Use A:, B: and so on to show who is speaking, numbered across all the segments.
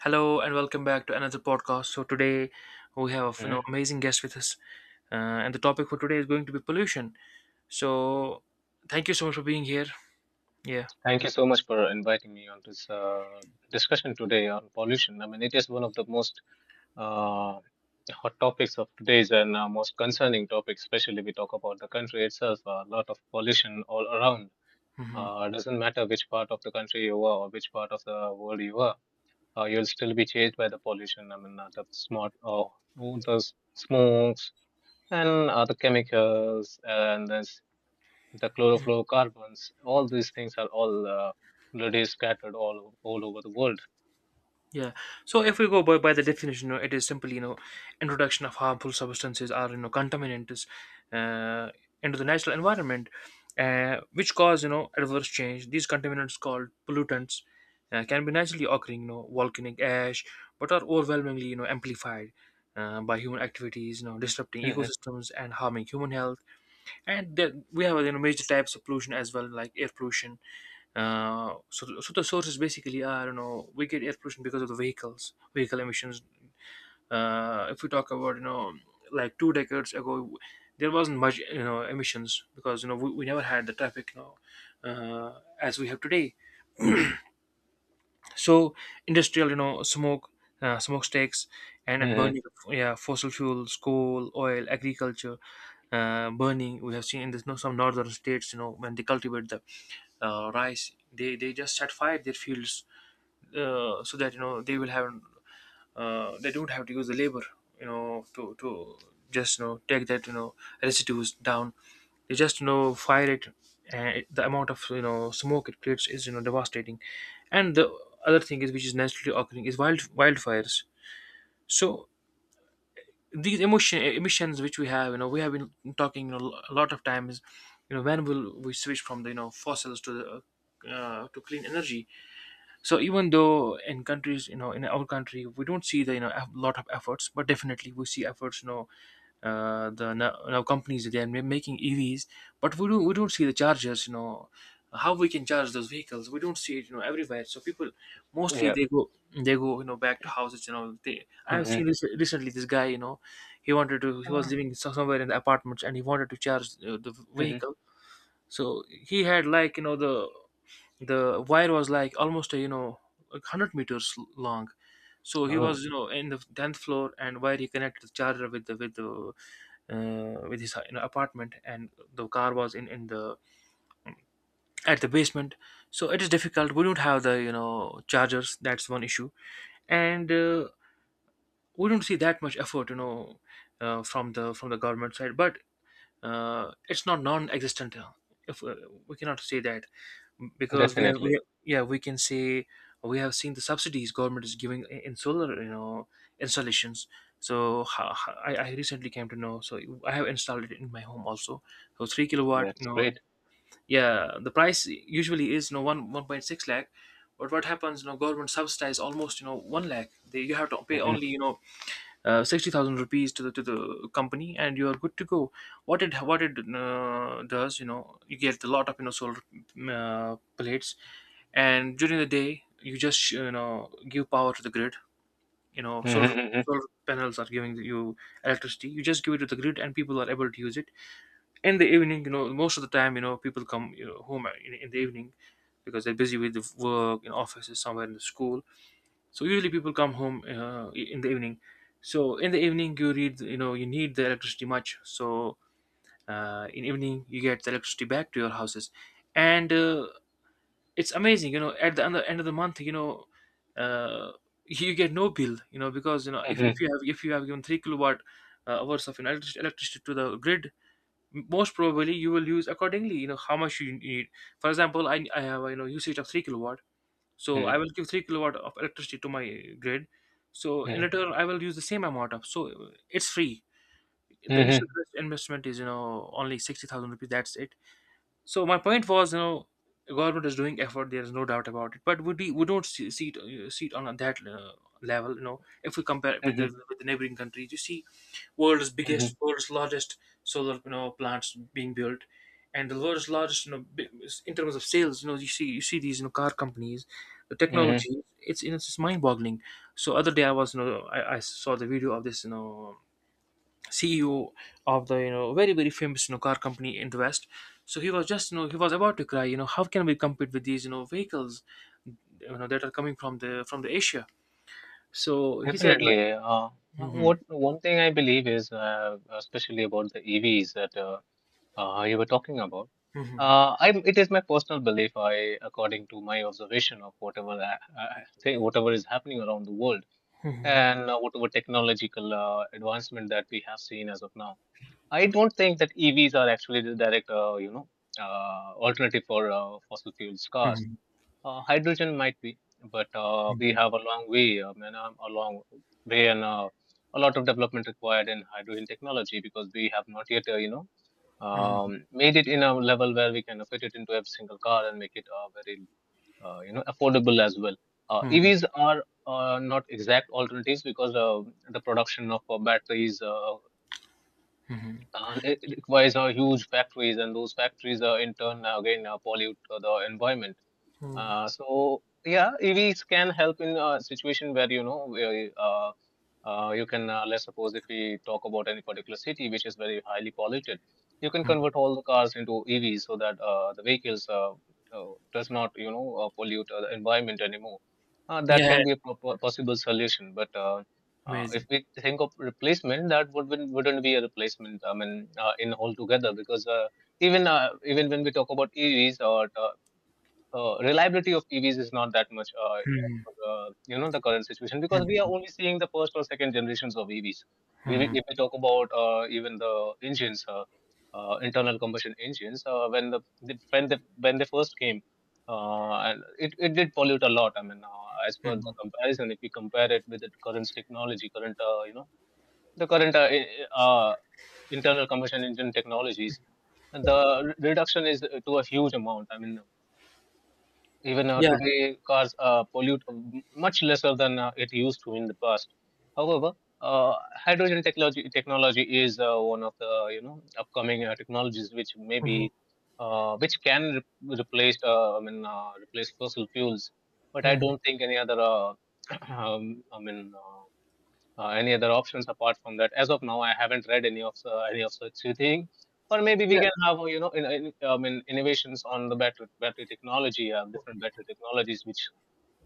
A: Hello and welcome back to another podcast. So today we have
B: Mhm.
A: amazing guest with us, and the topic for today is going to be pollution. So thank you so much for being here. Yeah.
B: Thank you so much for inviting me on this discussion today on pollution. I mean, it is one of the most uh, hot topics of today's and most concerning topic, especially we talk about the country itself. A lot of pollution all around.
A: Hmm.
B: Doesn't matter which part of the country you are or which part of the world you are, you'll still be chased by the pollution. I mean, the smog, or the smokes, and other chemicals, and then the chlorofluorocarbons, all these things are all already scattered all over the world.
A: Yeah. So if we go by the definition, it is simply, introduction of harmful substances or, contaminants uh, into the natural environment, which cause, adverse change. These contaminants called pollutants can be naturally occurring, volcanic ash, but are overwhelmingly, amplified by human activities, disrupting
B: hmm
A: ecosystems and harming human health. And then we have major types of pollution as well, like air pollution. So the sources basically are, we get air pollution because of the vehicle emissions. If we talk about like two decades ago, there wasn't much emissions because we never had the traffic, as we have today. So industrial, smoke, smokestacks, and
B: hmm
A: burning of, yeah, fossil fuels, coal, oil, agriculture burning. We have seen in this, some northern states, when they cultivate the rice, they just set fire their fields, so that they will have they don't have to use the labor, to just, take that, residues down. They just, fire it, and the amount of, smoke it creates is, devastating. And the other thing, is which is naturally occurring, is wildfires. So these emotion emissions, which we have, we have been talking, a lot of times, when will we switch from the, fossils to the to clean energy. So even though in countries, in our country, we don't see the, a lot of efforts, but definitely we see efforts, the now companies, they are making EVs, but we don't see the chargers, how we can charge those vehicles. We don't see it, everywhere, so people mostly
B: Yeah.
A: they go, they go, back to houses. You know, they, I've
B: hmm
A: seen this recently. This guy, he wanted to, he was
B: Uh,
A: living somewhere in the apartments, and he wanted to charge the
B: hmm
A: vehicle. So he had like, the wire was like almost a, like 100 meters long. So he
B: Oh,
A: was, in the 10th floor, and where he connected the charger with the with his apartment, and the car was in the at the basement. So it is difficult. We don't have the, chargers, that's one issue. And we don't see that much effort, from the government side, but it's not non-existent. If We cannot say that, because
B: definitely.
A: yeah, we can say we have seen the subsidies government is giving in solar, installations. So I recently came to know, so I have installed it in my home also. So 3 kilowatt,
B: That's great.
A: yeah, the price usually is, 1 1.6 lakh, but what happens, government subsidize almost, 1 lakh. You have to pay
B: Hmm
A: only, 60,000 rupees to the company, and you are good to go. What it does, you know, you get a lot of, solar plates, and during the day, you just, give power to the grid. You know,
B: hmm
A: solar
B: hmm
A: panels are giving you electricity. You just give it to the grid, and people are able to use it. In the evening, you know, most of the time, you know, people come, home in the evening, because they're busy with the work in offices, somewhere in the school. So usually people come home in the evening. So in the evening, you read you know, you need the electricity much. So in evening, you get the electricity back to your houses. And it's amazing, you know, at the end of the month, you know, uh, you get no bill, you know, because you know, if
B: hmm
A: you have, if you have given 3 kilowatt hours of electricity to the grid, most probably you will use accordingly, you know, how much you need. For example, I have, you know, usage of 3 kilowatt. So
B: hmm
A: I will give 3 kilowatt of electricity to my grid. So in
B: hmm
A: return, I will use the same amount of, so it's free. The initial
B: hmm
A: first investment is, you know, only 60,000 rupees, that's it. So my point was, you know, government is doing effort, there is no doubt about it, but would we don't see it, see it on that, level. You know, if we compare with the neighboring countries, you see
B: hmm
A: world's largest solar, you know, plants being built, and the world's largest, you know, in terms of sales. You know, you see, you see these, you know, car companies, the
B: hmm
A: technology, it's just mind boggling. So other day I was, you know, I saw the video of this, you know, CEO of the, you know, very famous, you know, car company in the West. So he was just, you know, he was about to cry. You know, how can we compete with these, you know, vehicles, you know, that are coming from the Asia. So he said, "No."
B: Definitely.
A: Mhm.
B: What one thing I believe is, especially about the EVs, that you were talking about. Is my personal belief. According to my observation of whatever I think, whatever is happening around the world,
A: Mhm.
B: and whatever technological advancement that we have seen as of now, I don't think that EVs are actually the direct, alternative for fossil fuels cars.
A: Mhm.
B: Hydrogen might be, but we
A: Mhm.
B: have a long way, I mean, a long way, and a lot of development required in hydrogen technology because we have not yet,
A: Mhm.
B: made it in a level where we can fit it into every single car and make it very affordable as well.
A: Mhm.
B: EVs are not exact alternatives because the production of batteries and it requires huge factories, and those factories in turn again pollute the environment.
A: Mhm.
B: So yeah, EVs can help in a situation where you can, let's suppose if we talk about any particular city which is very highly polluted, you can convert all the cars into EVs so that the vehicles does not, pollute the environment anymore. That
A: Yeah,
B: can be a possible solution, but if
A: amazing.
B: we think of replacement, that wouldn't be a replacement. I mean, in altogether because even when we talk about EVs or reliability of EVs is not that much,
A: Mhm.
B: the current situation because we are only seeing the first or second generations of EVs.
A: Mhm.
B: If we talk about even the engines, internal combustion engines, when when they first came, and it did pollute a lot. I mean, as per
A: Mhm.
B: the comparison, if we compare it with the current technology, current you know, the current I- uh, internal combustion engine technologies, the reduction is to a huge amount. I mean, even
A: Yeah.
B: today, cars pollute much lesser than it used to in the past. However, uh, hydrogen technology is one of the upcoming technologies which
A: Mhm.
B: maybe which can replace replace fossil fuels. But I
A: Mhm.
B: don't think any other I mean. Any other options apart from that as of now I haven't read any of such thing, or maybe we
A: Yeah.
B: can have in innovations on the battery technology, different battery technologies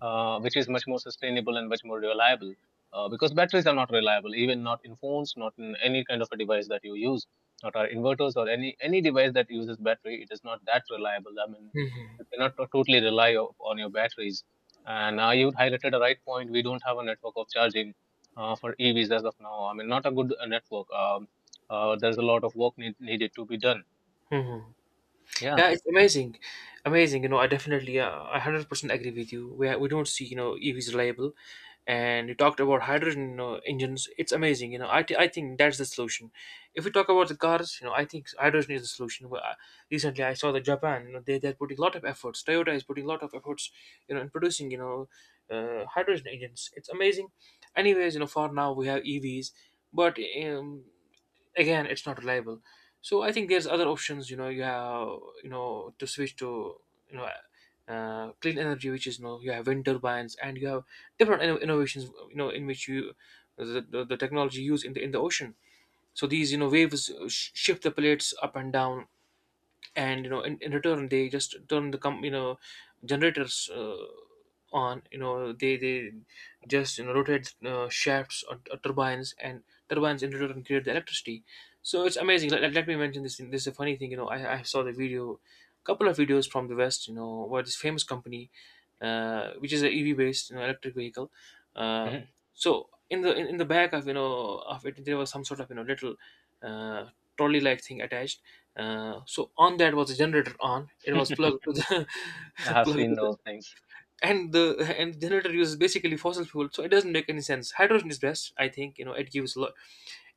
B: which is much more sustainable and much more reliable, because batteries are not reliable, even not in phones, not in any kind of a device that you use, not our inverters or any device that uses battery. It is not that reliable. I mean,
A: Mhm.
B: you cannot totally rely on your batteries. And you highlighted a right point, we don't have a network of charging for EVs as of now. I mean, not a good network. There's a lot of work needed to be done,
A: Mhm.
B: yeah.
A: Yeah, it's amazing. You know, I definitely, I 100% agree with you. We don't see, you know, EVs reliable, and you talked about hydrogen, you know, engines. It's amazing. You know, I think that's the solution. If we talk about the cars, you know, I think hydrogen is the solution. Well, recently, I saw that Japan, you know, they're putting a lot of efforts. Toyota is putting a lot of efforts, you know, in producing, you know, hydrogen engines. It's amazing. Anyways, you know, for now we have EVs, but um, again, it's not reliable. So I think there's other options. You know, you have, you know, to switch to, you know clean energy, which is, you know, you have wind turbines, and you have different innovations. You know, in which you, the technology used in the ocean. So these, you know, waves shift the plates up and down, and you know, in return, they just turn the you know, generators on. You know, they just, you know, rotate shafts, or turbines, and turbines in return create the electricity. So it's amazing. Me mention this thing. This is a funny thing. You know, I saw the video, couple of videos from the west, you know, where this famous company, which is an EV based, you know, electric vehicle. Uh,
B: Mhm.
A: so in the back of, you know, of it, there was some sort of, you know, little uh, trolley like thing attached. So on that was a generator on. It was plugged to the
B: I have
A: plugged
B: seen
A: to the,
B: those things.
A: and the generator uses basically fossil fuel, so it doesn't make any sense. Hydrogen is best, I think. You know, it gives a lot,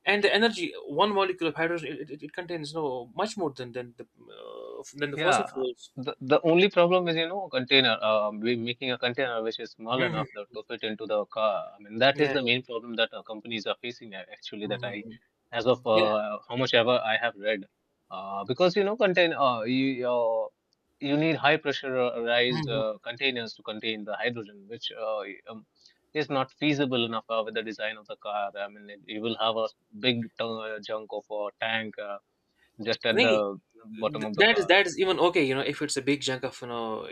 A: and the energy, one molecule of hydrogen, it contains no much more than than the fossil
B: Yeah,
A: fuels.
B: the only problem is, you know, container. We making a container which is small
A: Hmm.
B: enough that to fit into the car. I mean, that is
A: Yeah.
B: the main problem that companies are facing actually.
A: Hmm.
B: As of
A: Yeah.
B: how much ever I have read, because you know, contain you you need high pressurized
A: Hmm.
B: containers to contain the hydrogen, which is not feasible enough with the design of the car. I mean, it, you will have a junk of a tank just
A: I
B: at the
A: think
B: bottom of the
A: that is
B: car.
A: that is even okay. You know, if it's a big chunk of, you know,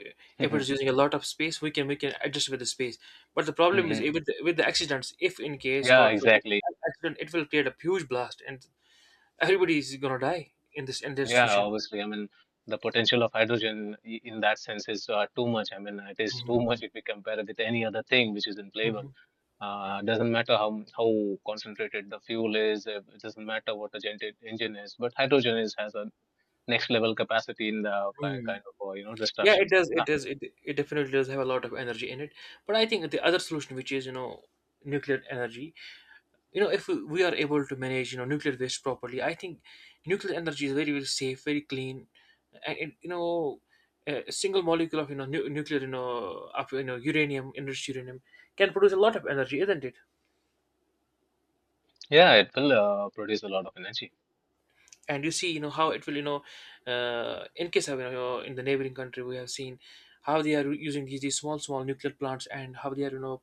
A: if it's using a lot of space, we can, we can adjust with the space, but the problem is,
B: hmm
A: eh, with the accidents. If in case,
B: Yeah,
A: god forbid,
B: exactly.
A: an accident, it will create a huge blast, and everybody is gonna die in this
B: Yeah,
A: situation.
B: obviously. I mean, the potential of hydrogen in that sense is too much. I mean, it is too
A: Mhm,
B: much if we compare it with any other thing which is in flavor.
A: mhm,
B: Doesn't matter how how concentrated the fuel is. It doesn't matter what the gen engine is. But hydrogen is has a next level capacity in the
A: mhm.
B: kind of
A: Yeah,
B: destruction.
A: it
B: So
A: does,
B: yeah,
A: it does, it definitely does have a lot of energy in it. But I think the other solution, which is, nuclear energy. You know, if we are able to manage nuclear waste properly, I think nuclear energy is very, very safe, very clean. And it, a single molecule of, nuclear, of, uranium enriched uranium can produce a lot of energy, isn't it?
B: yeah, it will produce a lot of energy.
A: And you see, how it will, in case of, in the neighboring country, we have seen how they are using these small, small nuclear plants, and how they are,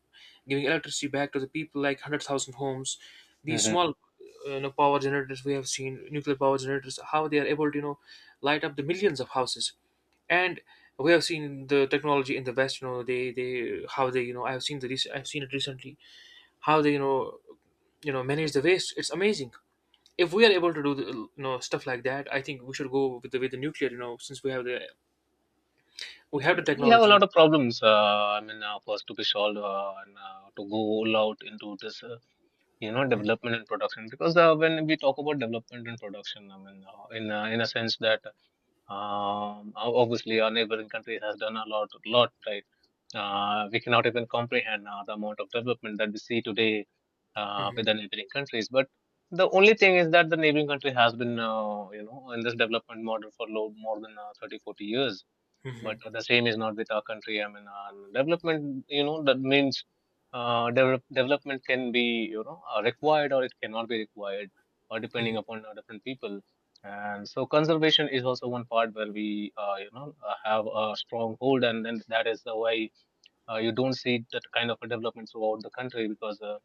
A: giving electricity back to the people, like 100,000 homes. These
B: hmm
A: small, power generators. We have seen nuclear power generators, how they are able to, light up the millions of houses. And we have seen the technology in the West. They, how they, I've seen it recently, how they, manage the waste. It's amazing. If we are able to do the, stuff like that, I think we should go with the nuclear. You know, since we have the
B: We have a
A: technology.
B: lot of problems. I mean, first to be solved and to go all out into this. Development and production, because when we talk about development and production, I mean in a sense that obviously our neighboring country has done a lot, right. We cannot even comprehend the amount of development that we see today with
A: Mhm,
B: the neighboring countries, but the only thing is that the neighboring country has been in this development model for more than 30-40 years, but
A: mhm,
B: the same is not with our country. I mean, development, you know, that means development can be, you know, required or it cannot be required, or
A: mhm,
B: depending upon different people. And so, conservation is also one part where we, have a strong hold, and then that is the way you don't see that kind of a development throughout the country because, uh,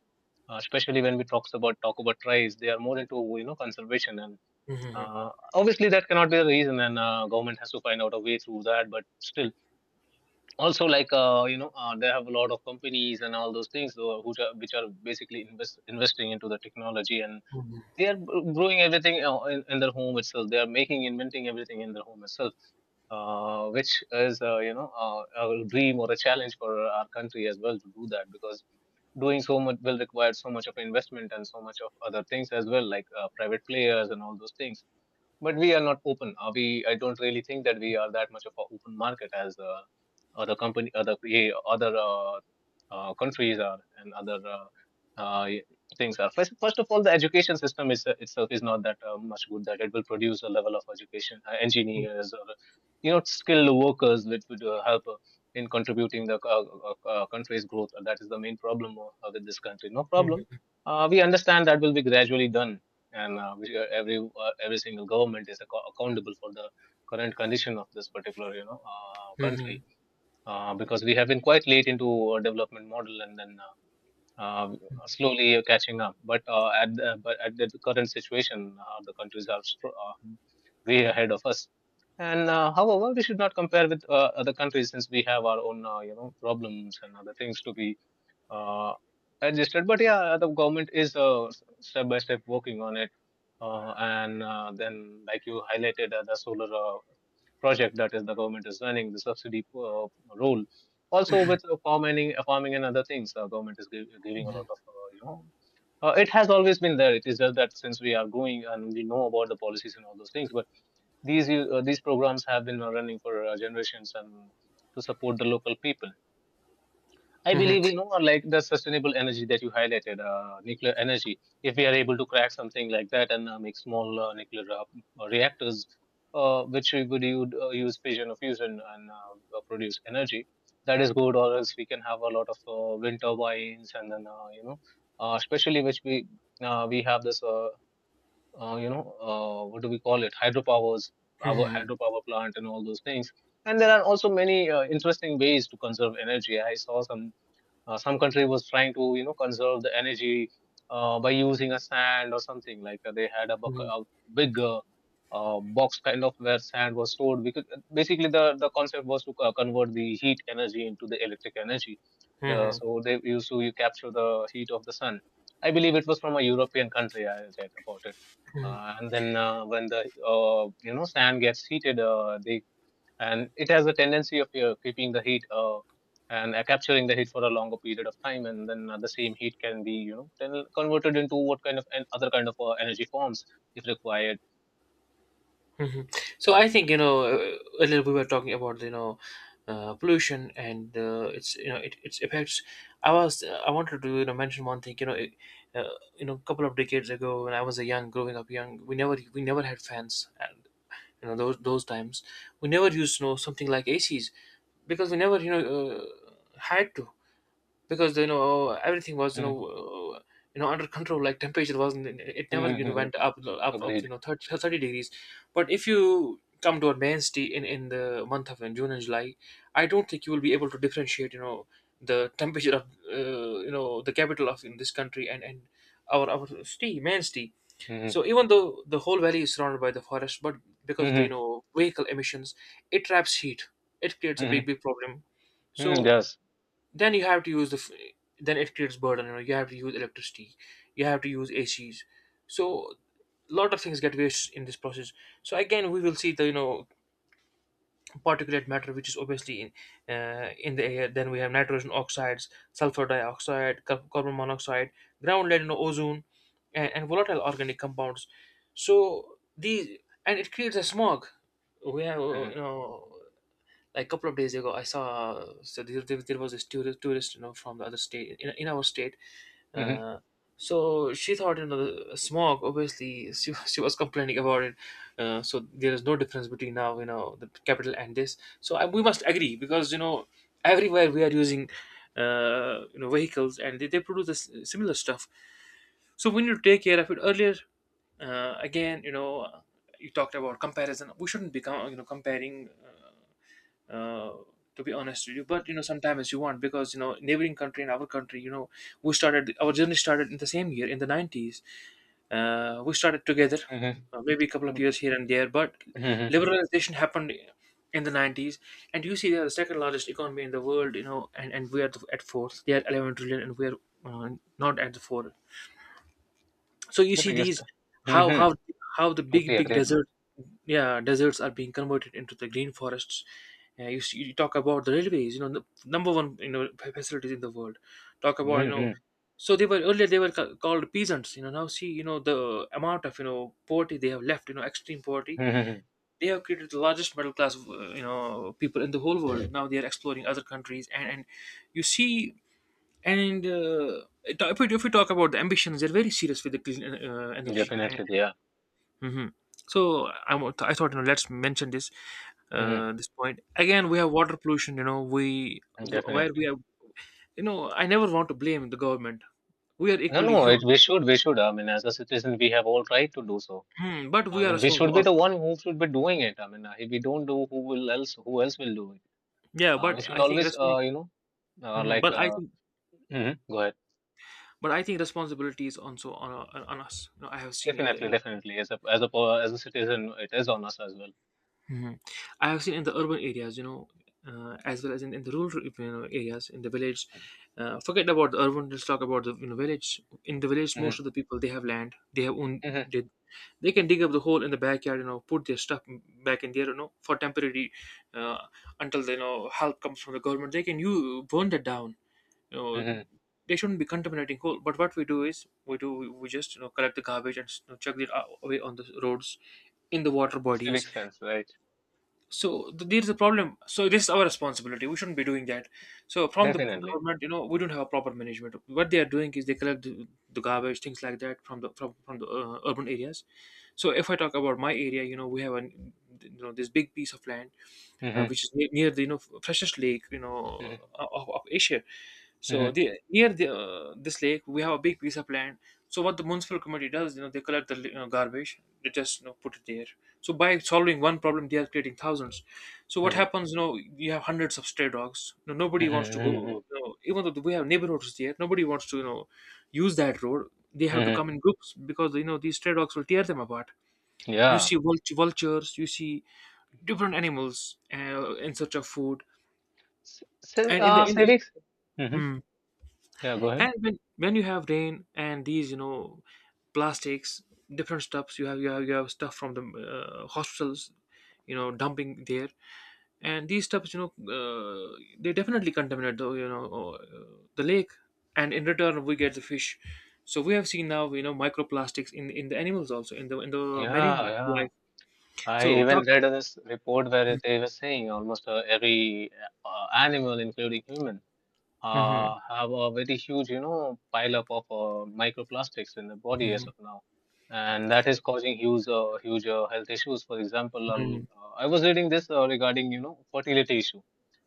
B: uh, especially when we talk about tribes, they are more into conservation, and
A: mhm,
B: obviously that cannot be the reason, and government has to find out a way through that. But still also like they have a lot of companies and all those things which are basically investing into the technology, and
A: mhm,
B: they are growing everything in their home itself. They are making inventing everything in their home itself, which is a dream or a challenge for our country as well to do that, because doing so much will require so much of investment and so much of other things as well, like private players and all those things. But we are not open. Are we? I don't really think that we are that much of an open market as other, yeah, other countries are, and uh, y- things are. First of all, the education system is, itself is not that much good that it will produce a level of education, engineers or skilled workers which would help in contributing the country's growth. That is the main problem with this country. No
A: mhm,
B: problem.
A: mhm,
B: We understand that will be gradually done, and every single government is accountable for the current condition of this particular
A: mhm,
B: country, because we have been quite late into a development model, and then uh, slowly catching up, but but at the current situation the countries are way ahead of us. And however we should not compare with other countries, since we have our own problems and other things to be uh, adjusted. But yeah, the government is step by step working on it, and then like you highlighted the solar project that is the government is running, the subsidy role, also with farming and other things. Government is giving a lot of it has always been there, it is just that since we are growing and we know about the policies and all those things. But these programs have been running for generations, and to support the local people. I
A: mhm, mhm,
B: believe, you know, like the sustainable energy that you highlighted, nuclear energy. If we are able to crack something like that and make small nuclear reactors, which we would use fission or fusion and produce energy, that is good. Or else we can have a lot of wind turbines and then especially which we have this what do we call it, hydropowers, our
A: mhm,
B: hydropower plant and all those things. And there are also many interesting ways to conserve energy. I saw some country was trying to conserve the energy by using a sand or something like they had
A: mhm.
B: a big box kind of, where sand was stored, because basically the concept was to convert the heat energy into the electric energy. The
A: Mhm.
B: So they used to you capture the heat of the sun. I believe it was from a European country. I read about it. And then when the sand gets heated, they and it has a tendency of keeping the heat and capturing the heat for a longer period of time, and then the same heat can be then converted into what kind of and other kind of energy forms if required.
A: Hmm. So I think, earlier we were talking about, pollution and, its, it, its effects. I was, I wanted to, mention one thing, you know it, uh, you know a couple of decades ago, when I was a young growing up young, we never, we never had fans, and, those times, we never used, something like ACs, because we never, had to, because, everything was,
B: Mhm,
A: uh, under control, like temperature wasn't, it never,
B: mhm, mhm.
A: went up,
B: Agreed.
A: thirty degrees. But if you come to a main city in the month of June and July, I don't think you will be able to differentiate, the temperature of, the capital of in this country, and our city, main city.
B: Mhm,
A: So even though the whole valley is surrounded by the forest, but because of the,
B: mhm,
A: vehicle emissions, it traps heat. It creates a big,
B: mhm,
A: big problem.
B: mhm,
A: So
B: yes.
A: then you have to use the f-, then it creates burden, you have to use electricity, you have to use ACs. So a lot of things get wasted in this process. So again we will see the, particulate matter, which is obviously in, in the air. Then we have nitrogen oxides, sulfur dioxide, carbon monoxide, ground lead, ozone, and volatile organic compounds. So these And it creates a smog. We have,
B: Mhm,
A: like a couple of days ago I saw, there was this tourist, from the other state in our state.
B: mhm,
A: uh, so she thought, the smog, obviously she was complaining about it. So there is no difference between now, the capital and this. So we must agree because, everywhere we are using, vehicles, and they produce this similar stuff. So we need to take care of it earlier. Again, you talked about comparison. We shouldn't be comparing. Uh, to be honest with you, but, sometimes you want because, neighboring country and our country, we started our journey started in the same year in the 90s. We started together,
B: mhm,
A: maybe a couple of years here and there, but
B: mhm.
A: liberalization happened in the 90s. And you see, they are the second largest economy in the world, and we are at fourth. They are 11 trillion, and we are, uh, not at the fourth. So you
B: The
A: see
B: biggest.
A: these, how
B: Mhm,
A: how how the big,
B: totally
A: big
B: agreed, man.
A: desert, yeah, deserts are being converted into the green forests. Yeah, see, you talk about the railways, the number one, facilities in the world. Talk about,
B: Mhm,
A: so they were earlier, they were called peasants, now see, the amount of, poverty they have left, extreme poverty.
B: mhm.
A: They have created the largest middle class of, people in the whole world. Now they are exploring other countries, and you see, and it- if we talk about the ambitions, they're very serious with the clean, energy.
B: Definitely, yeah.
A: Hmm. I thought, you know, let's mention
B: Mhm,
A: this point again. We have water pollution. You know, we where we
B: definitely.
A: have. You know, I never want to blame the government. We are
B: No,
A: equally
B: no, it,
A: human.
B: we should I mean, as a citizen, we have all right to do so.
A: Hmm, but
B: I
A: we are
B: mean, we
A: responsible
B: should be the
A: also.
B: one who should be doing it. I mean, if we don't do, who will else? Who else will do it?
A: Yeah, but
B: We should
A: I think
B: always,
A: Mhm.
B: like, mhm. Go ahead.
A: But I think responsibility is also on us. You know, I have seen in
B: Definitely,
A: the,
B: definitely. As a citizen, it is on us as well.
A: Mhm. I have seen in the urban areas, you know, as well as in the rural, areas, in the village. Forget about the urban. Let's talk about the, village. In the village, most
B: Mm-hmm,
A: of the people, they have land. They have own.
B: mm-hmm,
A: They, they can dig up the hole in the backyard. You know, put their stuff back in there. You know, for temporary, uh, until, help comes from the government. They can you burn that down. You know,
B: mm-hmm.
A: they shouldn't be contaminating coal. But what we do is we just, collect the garbage and, chuck it out-, away on the roads, in the water
B: Civic
A: bodies.
B: sense, right?
A: So there's a problem. So this is our responsibility. We shouldn't be doing that. So from the
B: Definitely.
A: government, you know, we don't have a proper management. What they are doing is they collect the garbage, things like that, from the urban areas. So if I talk about my area, you know, we have an, this big piece of land,
B: Mm-hmm,
A: which is near the, freshest lake,
B: mm-hmm,
A: of Asia. So
B: mm-hmm,
A: the, near the, this lake, we have a big piece of land. So what the municipal committee does, you know, they collect the, garbage, they just, put it there. So by solving one problem, they are creating thousands. So what
B: mm-hmm,
A: happens, you know, you have hundreds of stray dogs, you know, nobody wants to
B: mm-hmm,
A: go, you know, even though we have neighborhoods there, nobody wants to, use that road. They have to
B: mm-hmm.
A: come in groups because, these stray dogs will tear them apart. You
B: Yeah.
A: see vultures, you see different animals, in search of food. And in the in
B: Civics. Mm-hmm.
A: Hmm.
B: Yeah. Go ahead.
A: And when you have rain, and these, plastics, different stuffs, you have, you have stuff from the, hospitals, you know, dumping there. And these stuffs, they definitely contaminate the, the lake. And in return, we get the fish. So we have seen now, you know, microplastics in the animals also, in the, in the marine
B: Yeah.
A: life.
B: I
A: So
B: even
A: talk
B: read this report where they were saying almost every animal, including human,
A: Mhm.
B: have a very huge, pileup of microplastics in the body as
A: Mhm.
B: of now, and that is causing huge health issues. For example,
A: Mhm.
B: I was reading this regarding, fertility issue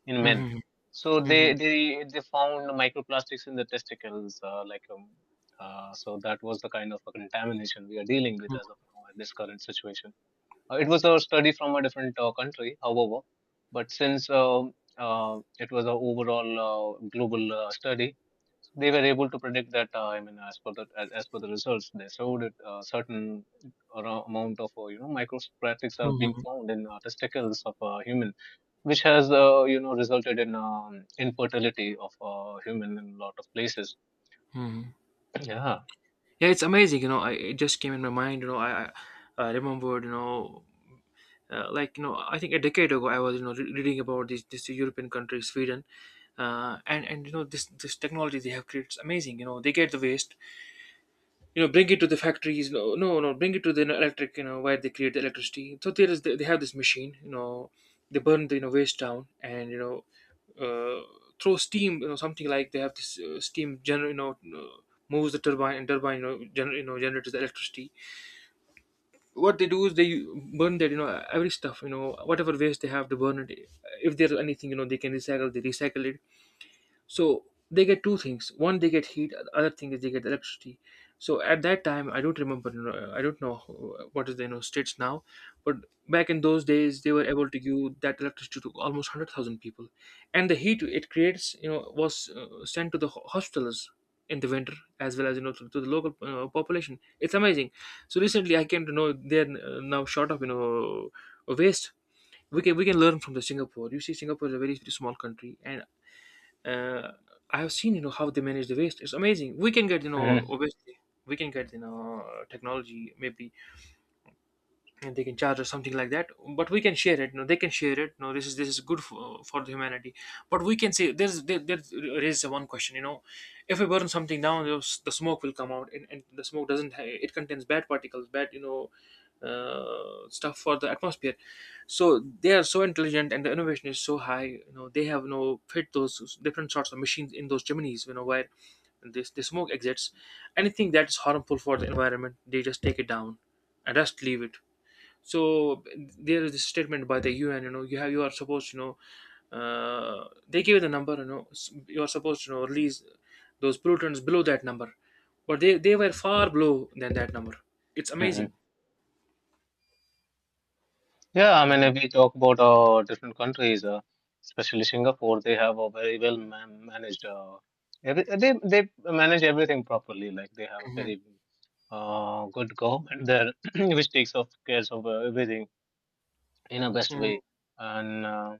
B: in men.
A: Mhm.
B: So they
A: Mhm.
B: they they found microplastics in the testicles, so that was the kind of a contamination we are dealing with
A: Mhm.
B: as of now, at this current situation. It was a study from a different country, however, but since it was an overall global study, they were able to predict that. I mean, as per the results, they showed that certain amount of microplastics are being
A: Mhm.
B: found in testicles of human, which has resulted in infertility of human in a lot of places.
A: Hmm.
B: Yeah.
A: Yeah, it's amazing. You know, it just came in my mind. You know, I remembered. You know, I think a decade ago, I was, reading about this European country, Sweden, and, you know, this technology they have created is amazing. You know, they get the waste, you know, bring it to the factories, no no no, bring it to the electric, you know, where they create the electricity. So there is, they have this machine, you know, they burn the, you know, waste down, and, you know, uh, throw steam, you know, something like, they have this, steam gener you know, uh, moves the turbine, and turbine, you know, you know, generates the electricity. What they do is they burn that, you know, every stuff, you know, whatever waste they have, they burn it. If there's anything, you know, they can recycle, they recycle it. So they get two things: one, they get heat, the other thing is they get electricity. So at that time, I don't remember, you know, I don't know what is the, you know, states now. But back in those days, they were able to give that electricity to almost 100,000 people, and the heat it creates, you know, was, sent to the hospitals in the winter, as well as, you know, to the local, population. It's amazing. So recently, I came to know, they're, now short of, you know, waste. We can we can learn from the Singapore. You see, Singapore is a very small country, and, uh, I have seen, you know, how they manage the waste. It's amazing. We can get, you know,
B: Mhm.
A: obviously we can get, you know, technology maybe, and they can charge us something like that, but we can share it, no they can share it, no this is, this is good for the humanity. But we can say there raises one question, you know, if we burn something down, the smoke will come out, and the smoke doesn't it contains bad particles, bad, you know, stuff for the atmosphere. So they are so intelligent, and the innovation is so high, you know, they have no fit those different sorts of machines in those chimneys, you know, where this the smoke exits. Anything that is harmful for the environment, they just take it down and just leave it. So there is a statement by the UN. You know, you have you are supposed. You know, they give you the number. You know, you are supposed to, you know, release those pollutants below that number, but they were far below than that number. It's amazing.
B: Mhm. Yeah, I mean,
A: Mhm.
B: if we talk about different countries, especially Singapore, they have a very well managed. Every, they manage everything properly. Like they have a
A: Mhm.
B: very good government there, which takes of cares of everything in a best
A: Mhm.
B: way. And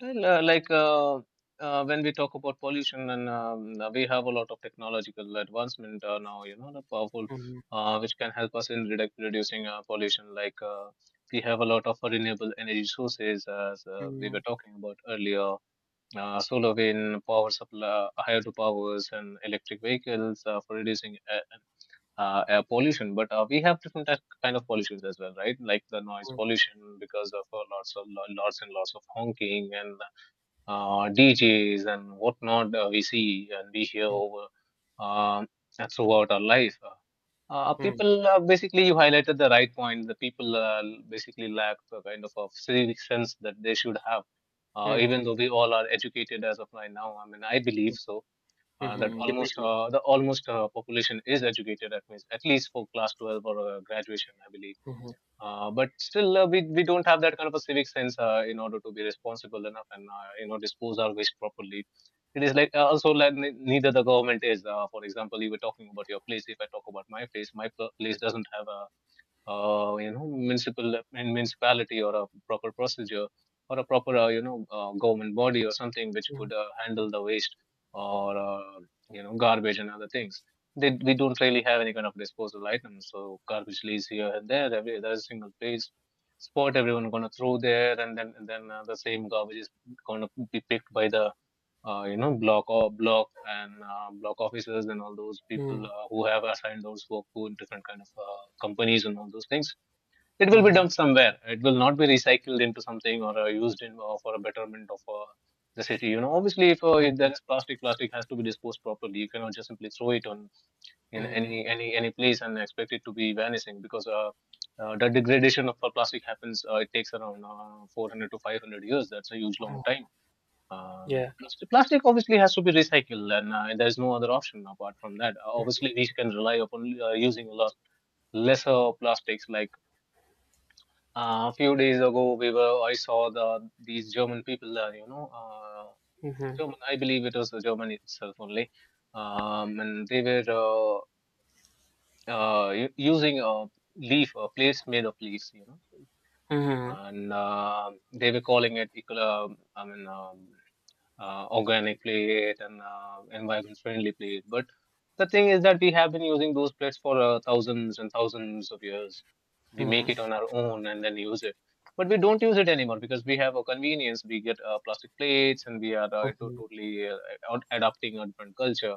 B: well, when we talk about pollution, and we have a lot of technological advancement now, the powerful,
A: Mhm.
B: which can help us in reducing pollution. Like we have a lot of renewable energy sources, as we were talking about earlier. Solar wind, power supply, hydropowers, and electric vehicles for reducing air pollution. But we have different kind of pollutions as well, right? Like the noise
A: Mhm.
B: pollution because of lots of lots and lots of honking and DJs and whatnot we see and we hear over um throughout our life.
A: Mhm.
B: People basically, you highlighted the right point. The people basically lack a kind of a civic sense that they should have. Even
A: Mhm.
B: though we all are educated as of right now, I mean, I believe
A: Mhm.
B: so that
A: Mhm.
B: almost
A: Definitely.
B: the almost population is educated at least for class 12 or graduation, I believe.
A: Mhm.
B: But still, we don't have that kind of a civic sense in order to be responsible enough and dispose our waste properly. It is like also, like, neither the government is. For example, you were talking about your place. If I talk about my place, place doesn't have a municipal in municipality, or a proper procedure, or a proper government body, or something which
A: Mhm.
B: would handle the waste, or garbage and other things. They, we don't really have any kind of disposal items, so garbage leaves here and there, every there's a single place spot, everyone gonna throw there, and then the same garbage is gonna be picked by the block, or block, and block officers, and all those people
A: Mhm.
B: who have assigned those work to different kind of companies and all those things. It will be
A: Mhm.
B: dumped somewhere, it will not be recycled into something or used in for a betterment of the city, you know. Obviously, if there
A: Mhm.
B: is plastic, plastic has to be disposed properly. You cannot just simply throw it on in
A: Mhm.
B: any place and expect it to be vanishing, because the degradation of plastic happens. It takes around 400 to 500 years. That's a huge long
A: Mhm.
B: time. uh,
A: Yeah.
B: plastic, plastic obviously has to be recycled, and there's no other option apart from that. Obviously, we can rely upon using a lot lesser plastics. Like a few days ago, we were I saw these German people,
A: Mhm.
B: German. I believe it was Germany itself only, and they were using a leaf, a place made of leaves, you know,
A: Mhm.
B: and they were calling it eco. I mean. Organic plate and environment friendly plate. But the thing is that we have been using those plates for thousands and thousands of years. We
A: Mhm.
B: make it on our own and then use it. But we don't use it anymore because we have a convenience. We get plastic plates and we are
A: Mhm.
B: totally adapting a different culture.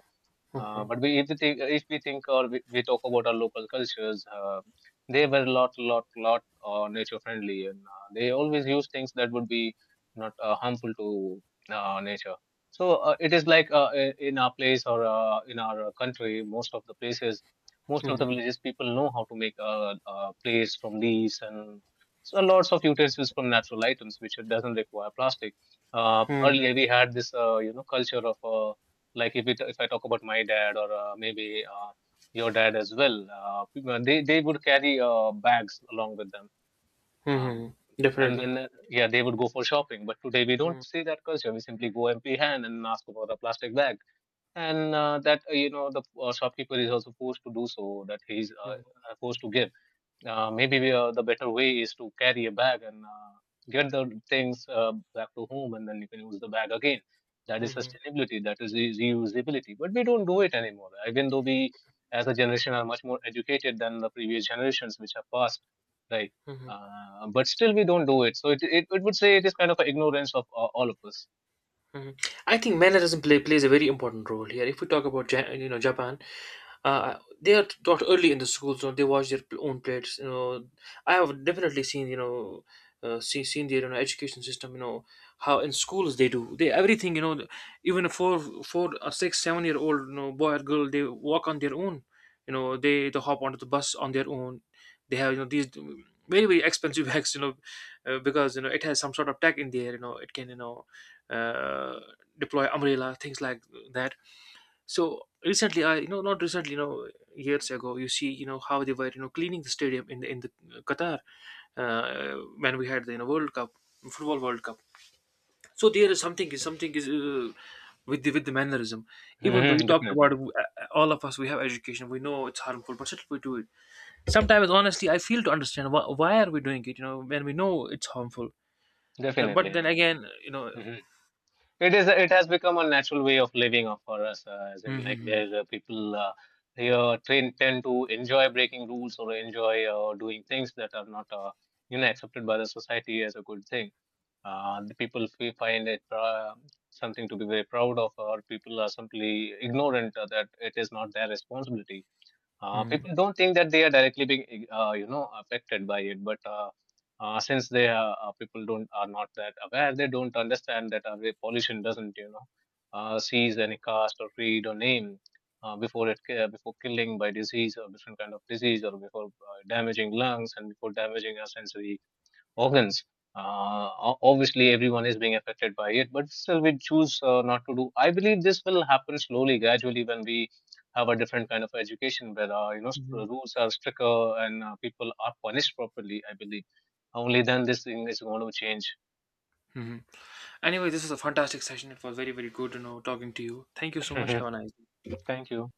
A: Mhm.
B: But we, if we think, or we talk about our local cultures, they were a lot, lot, lot nature friendly, and they always use things that would be not harmful to nature. So it is like in our place or in our country, most of the places, most of the
A: Mhm.
B: villages, people know how to make a place from leaves and so lots of utensils from natural items, which it doesn't require plastic.
A: Mhm.
B: Earlier we had this, culture of like if I talk about my dad or maybe your dad as well, they would carry bags along with them, um,
A: Mhm.
B: and
A: Definitely.
B: then yeah, they would go for shopping. But today we don't see that culture. We simply go empty hand and ask for the plastic bag, and that the shopkeeper is also forced to do so. That he's
A: Mhm,
B: forced to give. Maybe the better way is to carry a bag and get the things back to home, and then you can use the bag again. That is
A: mhm,
B: sustainability. That is reusability. But we don't do it anymore. Even though we, as a generation, are much more educated than the previous generations which have passed, right?
A: mhm,
B: But still, we don't do it. So it would say, it is kind of an ignorance of all of us.
A: mhm. I think mannerism plays a very important role here. If we talk about you know Japan, they are taught early in the schools. You, they wash their own plates. You know, I have definitely seen, you know, seen the, you know, education system. You know, how in schools they do, they everything. You know, even a a six, 7-year old, you know, boy or girl, they walk on their own. You know, they hop onto the bus on their own. They have, you know, these very, very expensive bags. You know, because, you know, it has some sort of tech in there. You know, it can, you know, uh, deploy umbrella things like that. So recently, I you know, not recently, you know, years ago, you see, you know, how they were, you know, cleaning the stadium in the, in the, Qatar, when we had the, you know, World Cup, football World Cup. So there is something, is something is, with the, with the mannerism. Even though you
B: Mhm,
A: talked about,
B: definitely,
A: all of us, we have education, we know it's harmful, but still we do it. Sometimes, honestly, I feel to understand why are we doing it. You know, when we know it's harmful, but
B: definitely.
A: then
B: I mean,
A: again, you know.
B: mm-hmm. It is. It has become a natural way of living for us, as in like
A: Mm-hmm.
B: where people here train, tend to enjoy breaking rules, or enjoy doing things that are not, accepted by the society as a good thing. The people find it something to be very proud of, or people are simply ignorant that it is not their responsibility. People don't think that they are directly being, affected by it, but since they are, people don't are not that aware, they don't understand that the pollution doesn't, seize any caste or creed or name before killing by disease or different kind of disease or before damaging lungs and before damaging our sensory organs. Obviously, everyone is being affected by it, but still, we choose not to do. I believe this will happen slowly, gradually, when we have a different kind of education where rules are stricter and people are punished properly. I believe only then this thing is going to change.
A: Mm-hmm. Anyway, this was a fantastic session. It was very, very good, you know, talking to you. Thank you so much. Have a nice
B: Thank you.